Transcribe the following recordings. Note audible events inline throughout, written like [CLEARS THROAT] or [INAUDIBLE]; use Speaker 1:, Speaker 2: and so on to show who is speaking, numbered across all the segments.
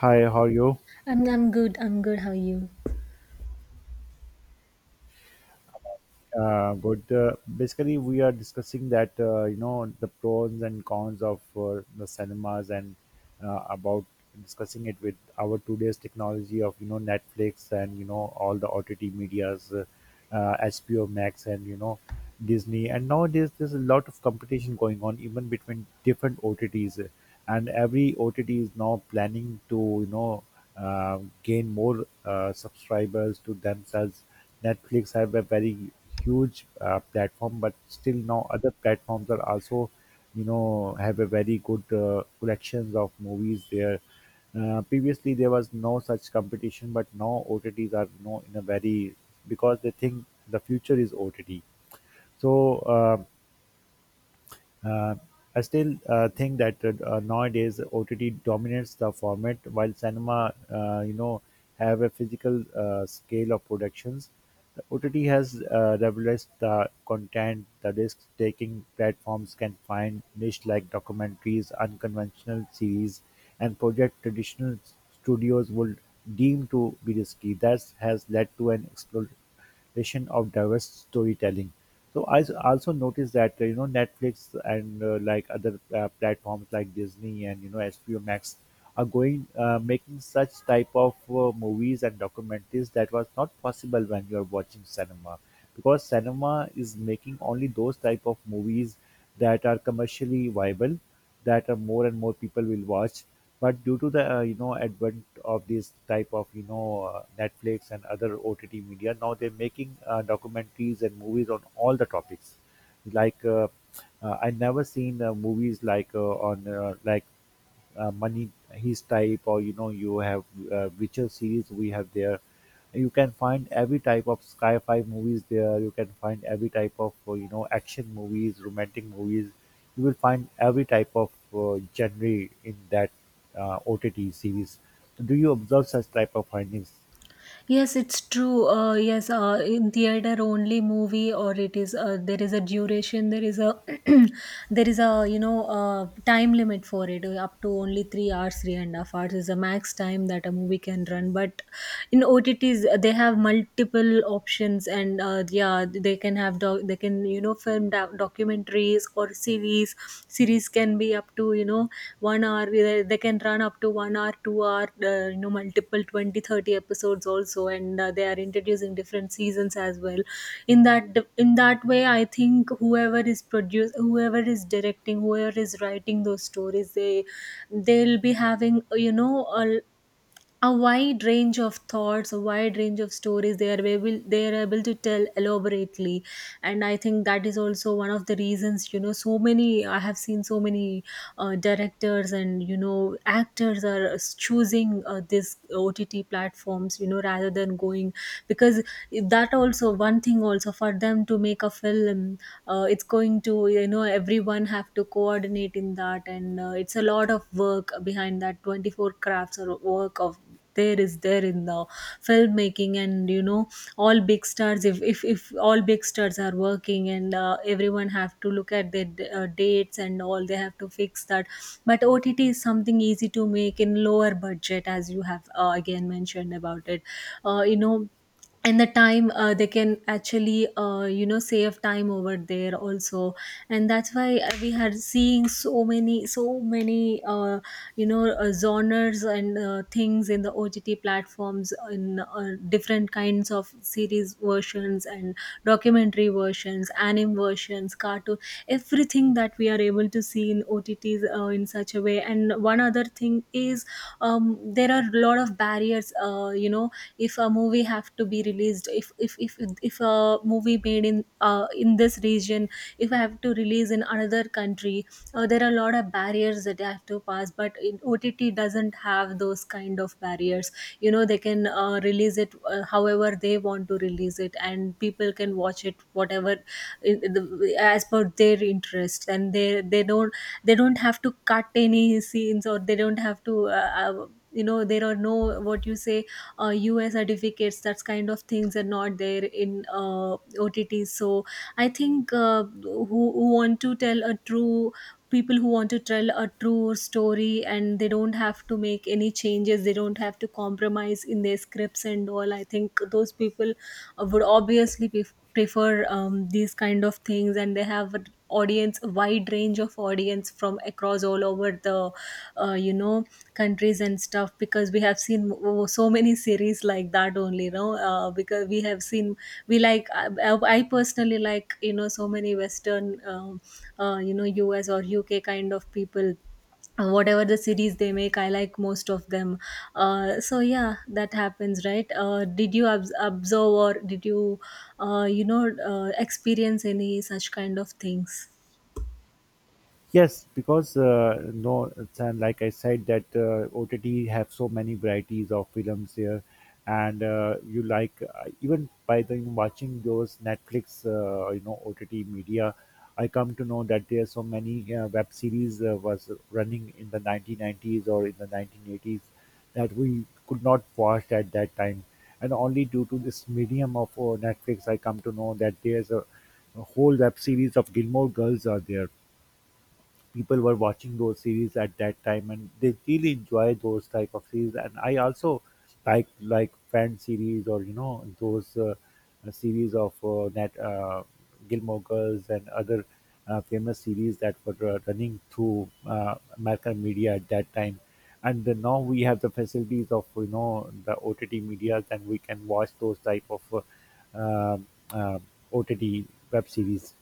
Speaker 1: Hi, how are you?
Speaker 2: I'm good. I'm good. How are you?
Speaker 1: Good. Basically, we are discussing that the pros and cons of the cinemas and about discussing it with our today's technology of Netflix and all the OTT medias, HBO Max, and Disney. And nowadays, there's a lot of competition going on, even between different OTTs. And every OTT is now planning to gain more subscribers to themselves. Netflix have a very huge platform, but still now other platforms are also have a very good collections of movies there. Previously, there was no such competition, but now OTTs are in a very because they think the future is OTT. So uh, I still think that nowadays OTT dominates the format, while cinema, have a physical scale of productions. The OTT has revolutionized the content. The risk-taking platforms can find niche like documentaries, unconventional series, and project traditional studios would deem to be risky. That has led to an explosion vision of diverse storytelling. So also noticed that Netflix and like other platforms like Disney and HBO Max are going making such type of movies and documentaries that was not possible when you are watching cinema, because cinema is making only those type of movies that are commercially viable, that are more and more people will watch, but due to the advent of this type of Netflix and other OTT media, now they're making documentaries and movies on all the topics. Like I never seen movies like on money his type, or you know you have Witcher series we have there. You can find every type of sci-fi movies there. You can find every type of action movies, romantic movies. You will find every type of genre in that OTT series. Do you observe such type of findings?
Speaker 2: Yes, it's true. Yes, in theater only movie, or it is, there is a duration, there is a [CLEARS THROAT] there is a you know time limit for it. Up to only 3 hours, three and a half hours is the max time that a movie can run. But in OTTs, they have multiple options, and yeah, they can have they can, film documentaries or series. Series can be up to, you know, 1 hour. They can run up to 1 hour, 2 hour, multiple 20, 30 episodes also. And they are introducing different seasons as well. In that way, I think whoever is produce, whoever is directing, whoever is writing those stories, they they'll be having, you know, a wide range of thoughts, a wide range of stories. They are able, they are able to tell elaborately. And I think that is also one of the reasons, you know. So many, I have seen so many directors and, you know, actors are choosing this OTT platforms, you know, rather than going. Because that also one thing also for them to make a film, it's going to, you know, everyone have to coordinate in that. And it's a lot of work behind that, 24 crafts or work of there is there in the filmmaking. And you know, all big stars, if all big stars are working and everyone have to look at their dates and all, they have to fix that. But OTT is something easy to make in lower budget, as you have again mentioned about it. uh, you know and the time, they can actually, save time over there also. And that's why we are seeing so many genres and things in the OTT platforms, in different kinds of series versions and documentary versions, anime versions, cartoon, everything that we are able to see in OTTs, in such a way. And one other thing is, there are a lot of barriers. If a movie have to be released, if a movie made in this region, if I have to release in another country, there are a lot of barriers that I have to pass. But in OTT, doesn't have those kind of barriers. You know, they can release it however they want to release it, and people can watch it whatever in the, as per their interest. And they don't, they don't have to cut any scenes, or they don't have to there are no, what you say, ua certificates, that's kind of things are not there in OTT. So I think who want to tell a true, people who want to tell a true story, and they don't have to make any changes, they don't have to compromise in their scripts and all. I think those people would obviously prefer these kind of things. And they have an audience, a wide range of audience, from across all over the uh, you know countries and stuff. Because we have seen so many series like that only, you know. Because we have seen, we like I personally like, you know, so many western uh, you know US or UK kind of people. Whatever the series they make, I like most of them. So yeah, that happens, right? Did you observe, or did you, you know experience any such kind of things?
Speaker 1: Yes, because no, like I said, that OTT have so many varieties of films here, and you like even by the watching those Netflix, OTT media, I come to know that there are so many web series was running in the 1990s or in the 1980s that we could not watch at that time, and only due to this medium of Netflix, I come to know that there's a whole web series of Gilmore Girls are there. People were watching those series at that time and they really enjoy those type of series, and I also like fan series or those series of that Gilmore Girls and other famous series that were running through American media at that time. And then now we have the facilities of the OTT media and we can watch those type of uh, uh, OTT web series.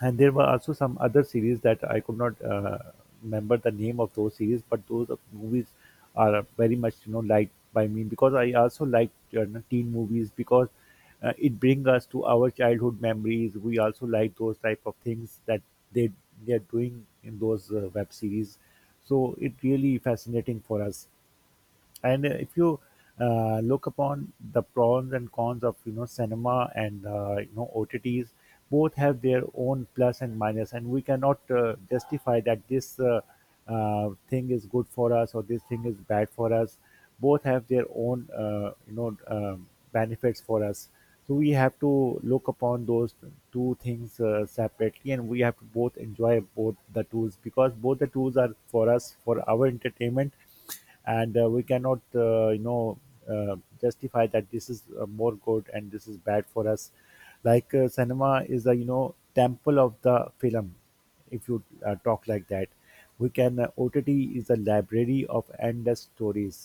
Speaker 1: And there were also some other series that I could not remember the name of those series, but those movies are very much liked by me because I also like, teen movies, because it brings us to our childhood memories. We also like those type of things that they they are doing in those web series, so it really fascinating for us. And if you look upon the pros and cons of cinema and OTTs, both have their own plus and minus, and we cannot justify that this thing is good for us or this thing is bad for us. Both have their own benefits for us. So we have to look upon those two things separately, and we have to both enjoy both the tools because both the tools are for us for our entertainment. And we cannot justify that this is more good and this is bad for us. Like cinema is a temple of the film, if you talk like that. We can OTT is a library of endless stories.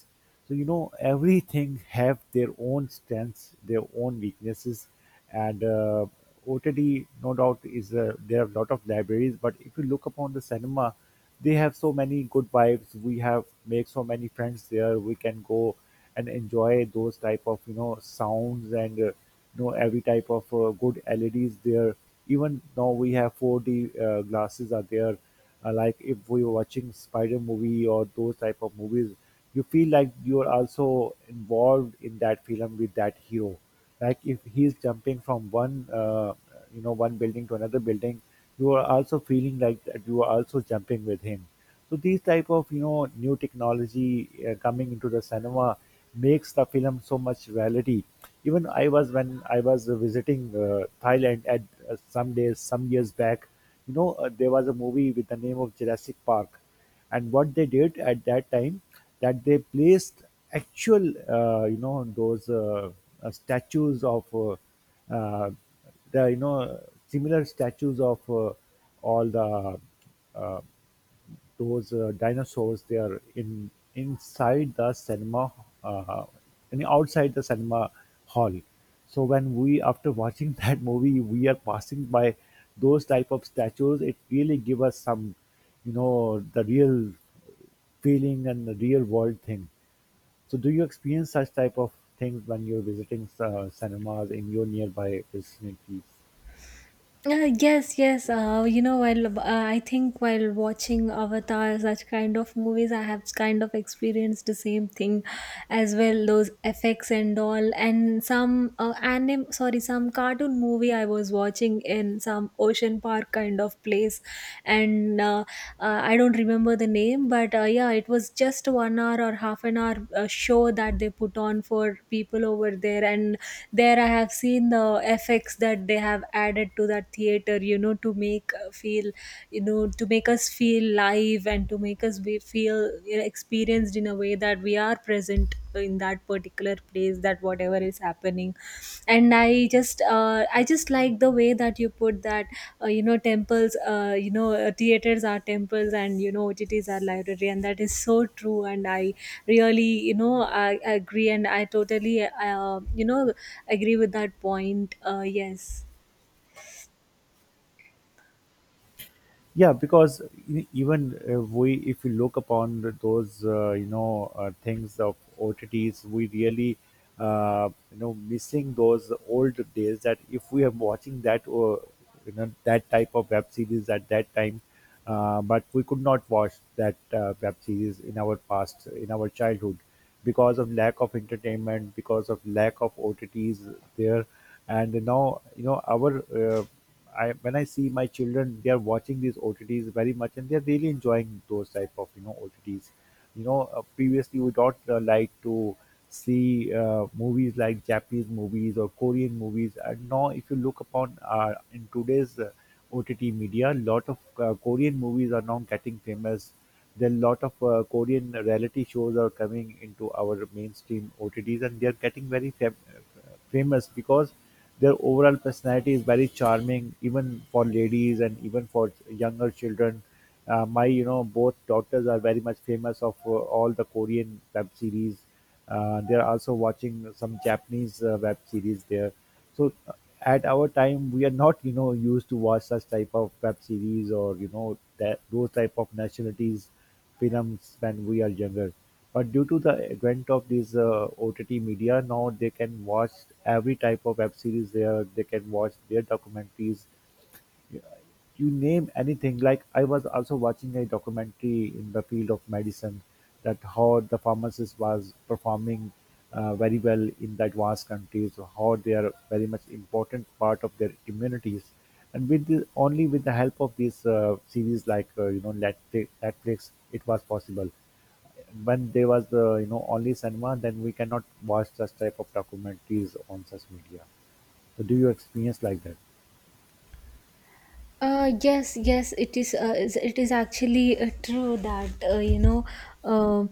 Speaker 1: So everything have their own strengths, their own weaknesses, and OTT no doubt is there are a lot of libraries. But if you look upon the cinema, they have so many good vibes. We have make so many friends there. We can go and enjoy those type of sounds and every type of good LEDs there. Even now we have 4D glasses are there. Like if we were watching Spider movie or those type of movies, you feel like you are also involved in that film with that hero. Like if he is jumping from one you know one building to another building, you are also feeling like that you are also jumping with him. So these type of new technology coming into the cinema makes the film so much reality. Even I was When I was visiting Thailand at some days some years back, there was a movie with the name of Jurassic Park, and what they did at that time, that they placed actual those statues of uh, the you know similar statues of all the uh, those dinosaurs they are in inside the cinema, uh, in outside the cinema hall. So when we after watching [LAUGHS] that movie we are passing by those type of statues, it really give us some the real feeling and the real world thing. So do you experience such type of things when you're visiting cinemas in your nearby vicinities?
Speaker 2: Yes, yes. You know, while I think while watching Avatar, such kind of movies, I have kind of experienced the same thing, as well. Those effects and all. And some anime, sorry, some cartoon movie I was watching in some ocean park kind of place. And I don't remember the name, but yeah, it was just 1 hour or half an hour show that they put on for people over there. And there, I have seen the effects that they have added to that theater, you know, to make feel, you know, to make us feel live, and to make us be, feel, you know, experienced in a way that we are present in that particular place, that whatever is happening. And I just like the way that you put that, temples, theaters are temples, and you know, OTTs are library. And that is so true, and I really, you know, I agree. And I totally, agree with that point, yes.
Speaker 1: Yeah, because even we if we look upon those things of OTTs, we really missing those old days, that if we are watching that that type of web series at that time. But we could not watch that web series in our past in our childhood, because of lack of entertainment, because of lack of OTTs there. And now, you know our I when I see my children, they are watching these OTTs very much, and they're really enjoying those type of OTTs. Previously we don't like to see movies like Japanese movies or Korean movies. And now, if you look upon in today's OTT media, lot of Korean movies are now getting famous. There are lot of Korean reality shows are coming into our mainstream OTTs, and they are getting very famous because their overall personality is very charming, even for ladies and even for younger children. My both daughters are very much famous of all the Korean web series. They are also watching some Japanese web series there. So at our time, we are not used to watch such type of web series or that those type of nationalities films when we are younger. But due to the advent of these OTT media, now they can watch every type of web series there. They can watch their documentaries. You name anything. Like I was also watching a documentary in the field of medicine, that how the pharmacist was performing very well in the advanced countries, how they are very much important part of their communities. And only with the help of these series like Netflix, it was possible. When there was only cinema, then we cannot watch such type of documentaries on such media. So do you experience like that?
Speaker 2: Yes, yes, it is. It is actually true that, you know. Uh,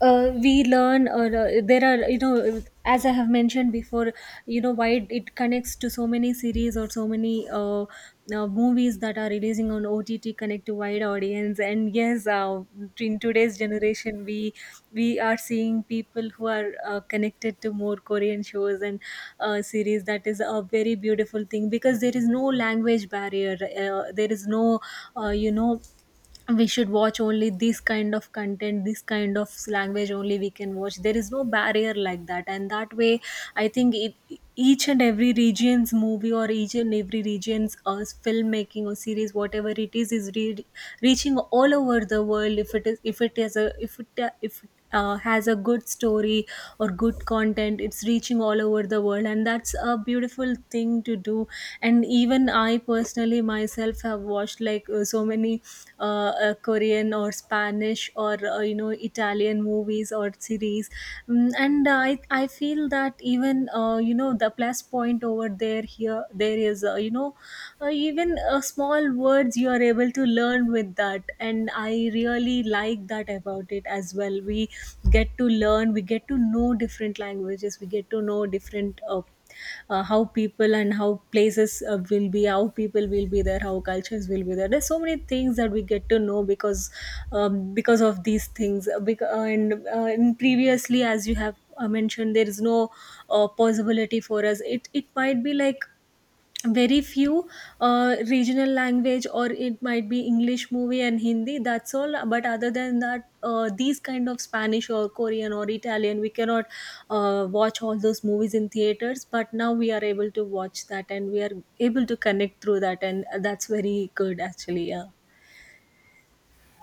Speaker 2: we learn, or there are, you know, as I have mentioned before, you know, why it, it connects to so many series or so many movies that are releasing on OTT, connect to wide audience. And yes, in today's generation, we are seeing people who are connected to more Korean shows and series. That is a very beautiful thing, because there is no language barrier. There is no, uh, you know we should watch only this kind of content, this kind of language only we can watch, there is no barrier like that. And that way, I think it, each and every region's movie, or each and every region's filmmaking or series, whatever it is, reaching all over the world. If it is if it is a if it, has a good story or good content, it's reaching all over the world. And that's a beautiful thing to do. And even I personally myself have watched like so many Korean or Spanish or Italian movies or series. Mm, and I feel that, even the plus point over there, here there is, even small words you are able to learn with that. And I really like that about it as well. We get to learn, we get to know different languages, we get to know different how people and how places will be, how people will be there, how cultures will be there. There's so many things that we get to know because, because of these things. And previously, as you have mentioned, there is no possibility for us. It might be like very few regional language, or it might be English movie and Hindi, that's all. But other than that, these kind of Spanish or Korean or Italian, we cannot watch all those movies in theaters. But now we are able to watch that, and we are able to connect through that. And that's very good actually, yeah.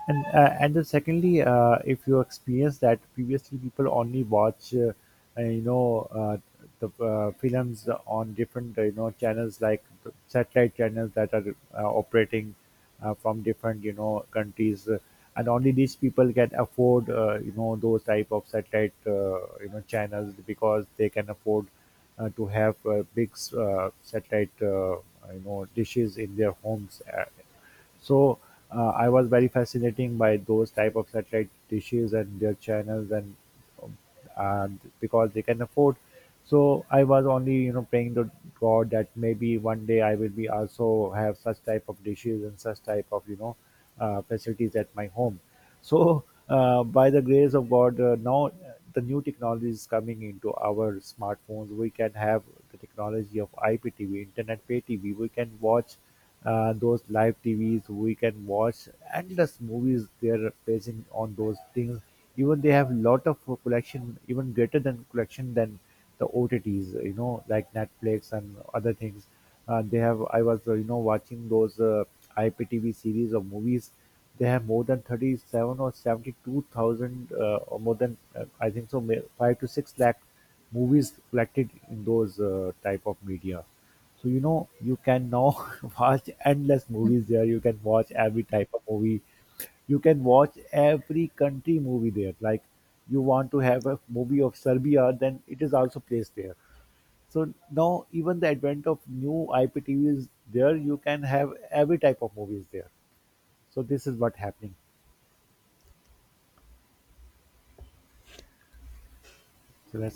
Speaker 1: And then secondly, if you experience that previously people only watch uh, you know uh, the films on different channels like the satellite channels that are operating from different countries, and only these people can afford those type of satellite channels because they can afford to have big satellite dishes in their homes. So I was very fascinating by those type of satellite dishes and their channels, um, and because they can afford. So I was only praying to God that maybe one day I will be also have such type of dishes and such type of facilities at my home. So, by the grace of God, now the new technology is coming into our smartphones. We can have the technology of IPTV, Internet Pay TV. We can watch those live TVs. We can watch endless movies. They are placing on those things. Even they have lot of collection, even greater than collection than the OTTs. Like Netflix and other things. They have. I was watching those IPTV series of movies. They have more than 37 or 72,000, or more than I think so, 5 to 6 lakh movies collected in those type of media. So you can now [LAUGHS] watch endless movies there. You can watch every type of movie. You can watch every country movie there. Like you want to have a movie of Serbia, then it is also placed there. So now even the advent of new IPTV is there. You can have every type of movies there. So this is what happening. So let's